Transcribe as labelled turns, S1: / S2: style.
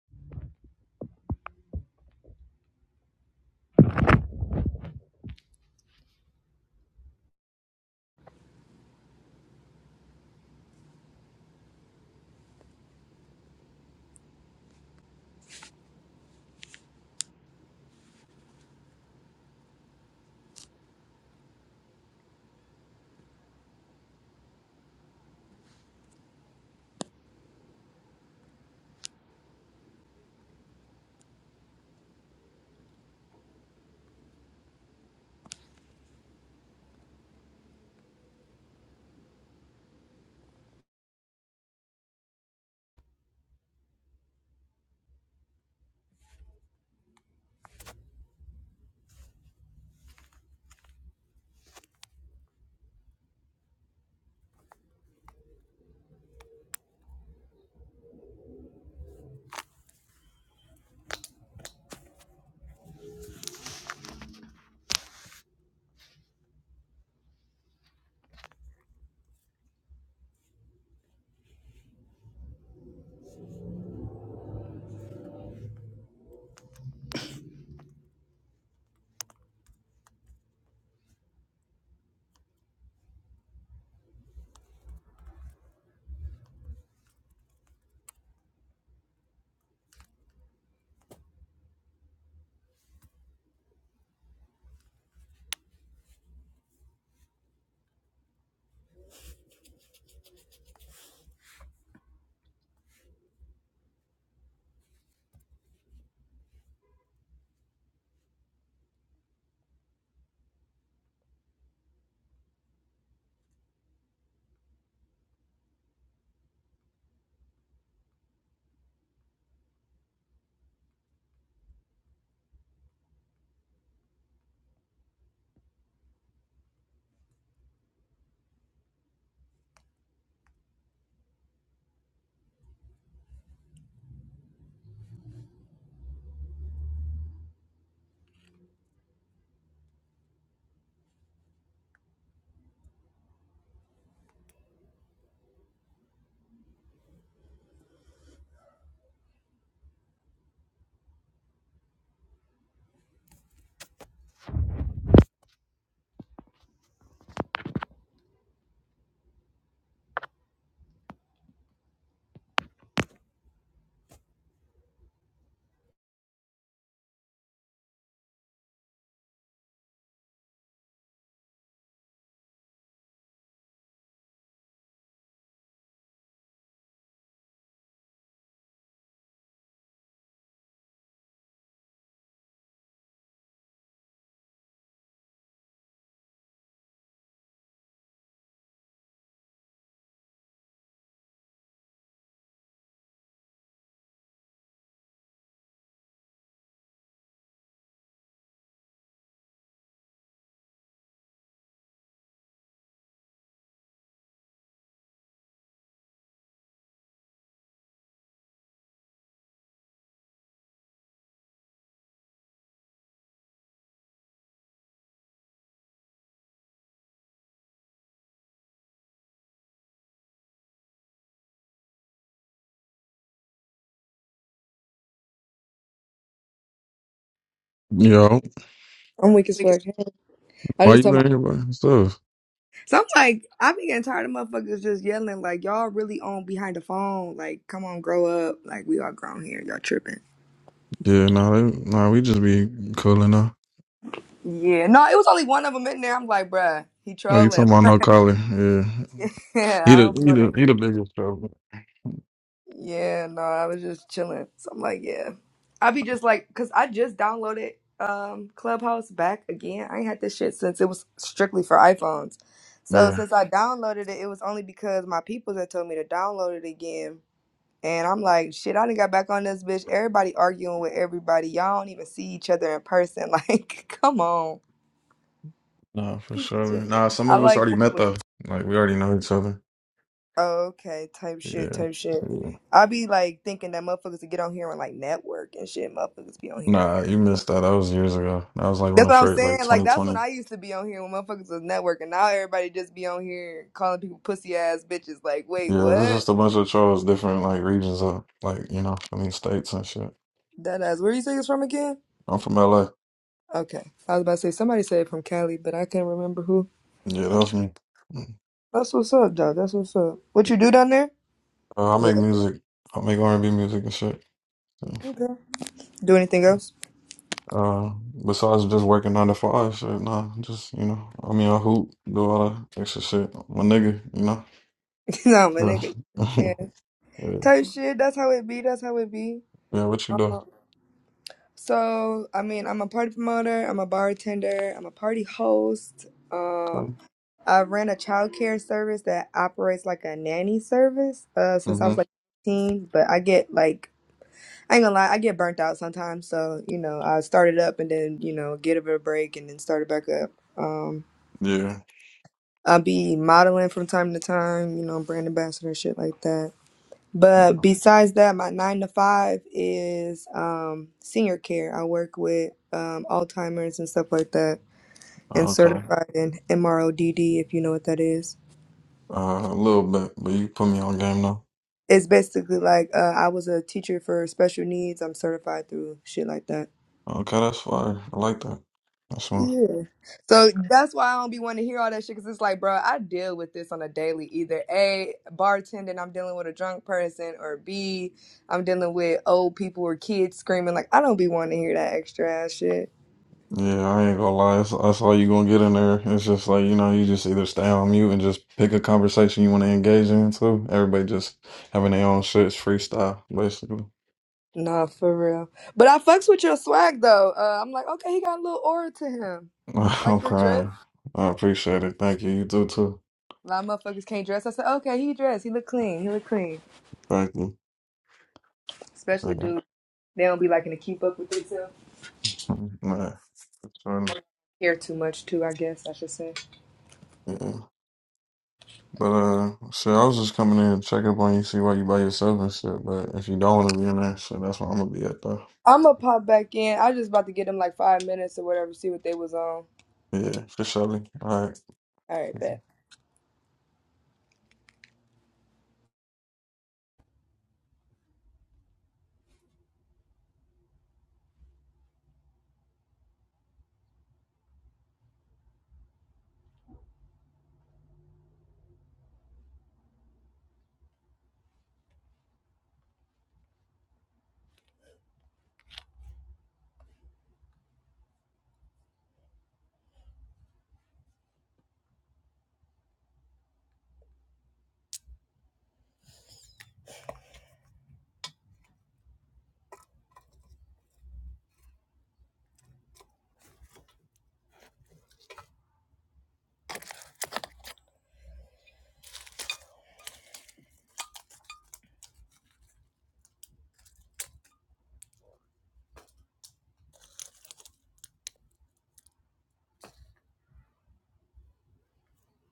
S1: Yo,
S2: I'm weak as fuck. I
S1: why
S2: just
S1: you
S2: told my.
S1: in here by stuff?
S2: So I'm like, I be getting tired of motherfuckers just yelling like, y'all really on behind the phone. Like, come on, grow up. Like, we all grown here. Y'all tripping.
S1: Yeah, nah, they, nah, we just be cooling now.
S2: Yeah, no, it was only one of them in there. I'm like, bruh, he
S1: Oh, you
S2: trolling.
S1: talking about no collar? Yeah, he
S2: yeah, I don't
S1: the
S2: be
S1: he
S2: on
S1: the
S2: that.
S1: he the biggest trouble.
S2: Yeah, no, I was just chilling. So I'm like, yeah, I be just like, cause I just downloaded um Clubhouse back again. I ain't had this shit since it was strictly for iPhones. So
S1: Yeah,
S2: since I downloaded it, it was only because my people had told me to download it again And I'm like, shit, I done got back on this bitch. Everybody arguing with everybody. Y'all don't even see each other in person. Like, come on.
S1: nah, for sure. Nah, some
S2: I
S1: of us
S2: like
S1: already
S2: when it
S1: met
S2: was
S1: though. Like we already know each other.
S2: "Oh, okay, type shit,
S1: Yeah,
S2: type shit.
S1: yeah.
S2: I be like thinking that motherfuckers would get on here and like network and shit. Motherfuckers be on here.
S1: Nah, you missed that. That was years ago. That was like when
S2: That's
S1: the
S2: what I'm
S1: first, like
S2: saying. Like that's when
S1: 2020.
S2: I used to be on here when motherfuckers was networking. Now everybody just be on here calling people pussy ass bitches. Like, wait,
S1: Yeah, it's
S2: what?
S1: just a bunch of trolls, different like regions of like you know, I mean states and shit.
S2: That ass. Where you say it's from again?
S1: I'm from LA.
S2: Okay, I was about to say somebody said it from Cali, but I can't remember who.
S1: Yeah, that's me.
S2: That's what's up, dog. That's what's up. What you do down there?
S1: Uh, I make
S2: Or up there?
S1: music. I make R&B music and shit. Yeah.
S2: Okay. Do anything else?
S1: Uh, besides just working nine to five, shit, nah, just, you know, I mean, I hoop, do all that extra shit. My nigga, you know?
S2: nah, my
S1: Yeah,
S2: nigga. Yeah.
S1: yeah,
S2: Type shit. That's how it be. That's how it be.
S1: yeah, what you do?
S2: Uh, so, I mean, I'm a party promoter. I'm a bartender. I'm a party host.
S1: Okay.
S2: Um, I ran a childcare service that operates like a nanny service uh, since I
S1: Mm-hmm.
S2: was like 15. But I get like, I ain't gonna lie, I get burnt out sometimes. So, you know, I started up and then, you know, get a bit of a break and then started back up. Um.
S1: Yeah.
S2: I be modeling from time to time, you know, brand ambassador shit like that. But besides that, my nine to five is um, senior care. I work with um, Alzheimer's and stuff like that, and
S1: Okay.
S2: certified in MRODD if you know what that is.
S1: Uh, a little bit, but you put me on game now.
S2: It's basically like uh, I was a teacher for special needs. I'm certified through shit like that.
S1: Okay, that's fire. I like that. That's smooth.
S2: Yeah. So that's why I don't be wanting to hear all that shit because it's like, bro, I deal with this on a daily. Either A, bartending, I'm dealing with a drunk person, or B, I'm dealing with old people or kids screaming. Like, I don't be wanting to hear that extra ass shit.
S1: Yeah, I ain't gonna lie. That's, that's all you gonna get in there. It's just like, you know, you just either stay on mute and just pick a conversation you want to engage in, too. Everybody just having their own shit. It's freestyle, basically.
S2: Nah, for real. But I fucks with your swag though. Uh, I'm like, okay, he got a little aura to him. Like
S1: I'm
S2: your drip.
S1: crying. I appreciate it. Thank you. You do too.
S2: A lot of motherfuckers can't dress. I said, okay, he dressed. He look clean. He look clean.
S1: Thank you.
S2: Especially
S1: Yeah.
S2: dudes. They don't be liking to keep up with themselves.
S1: Nah, it's funny.
S2: Care too much too, I guess I should say.
S1: Yeah. But uh, shit, I was just coming in and check up on you, see why you by yourself and shit. But if you don't want to be in there, shit, that's where I'm gonna be at though.
S2: I'm gonna pop back in. I was just about to get them like five minutes or whatever, see what they was on.
S1: Yeah, for sure. All right.
S2: All right, bet.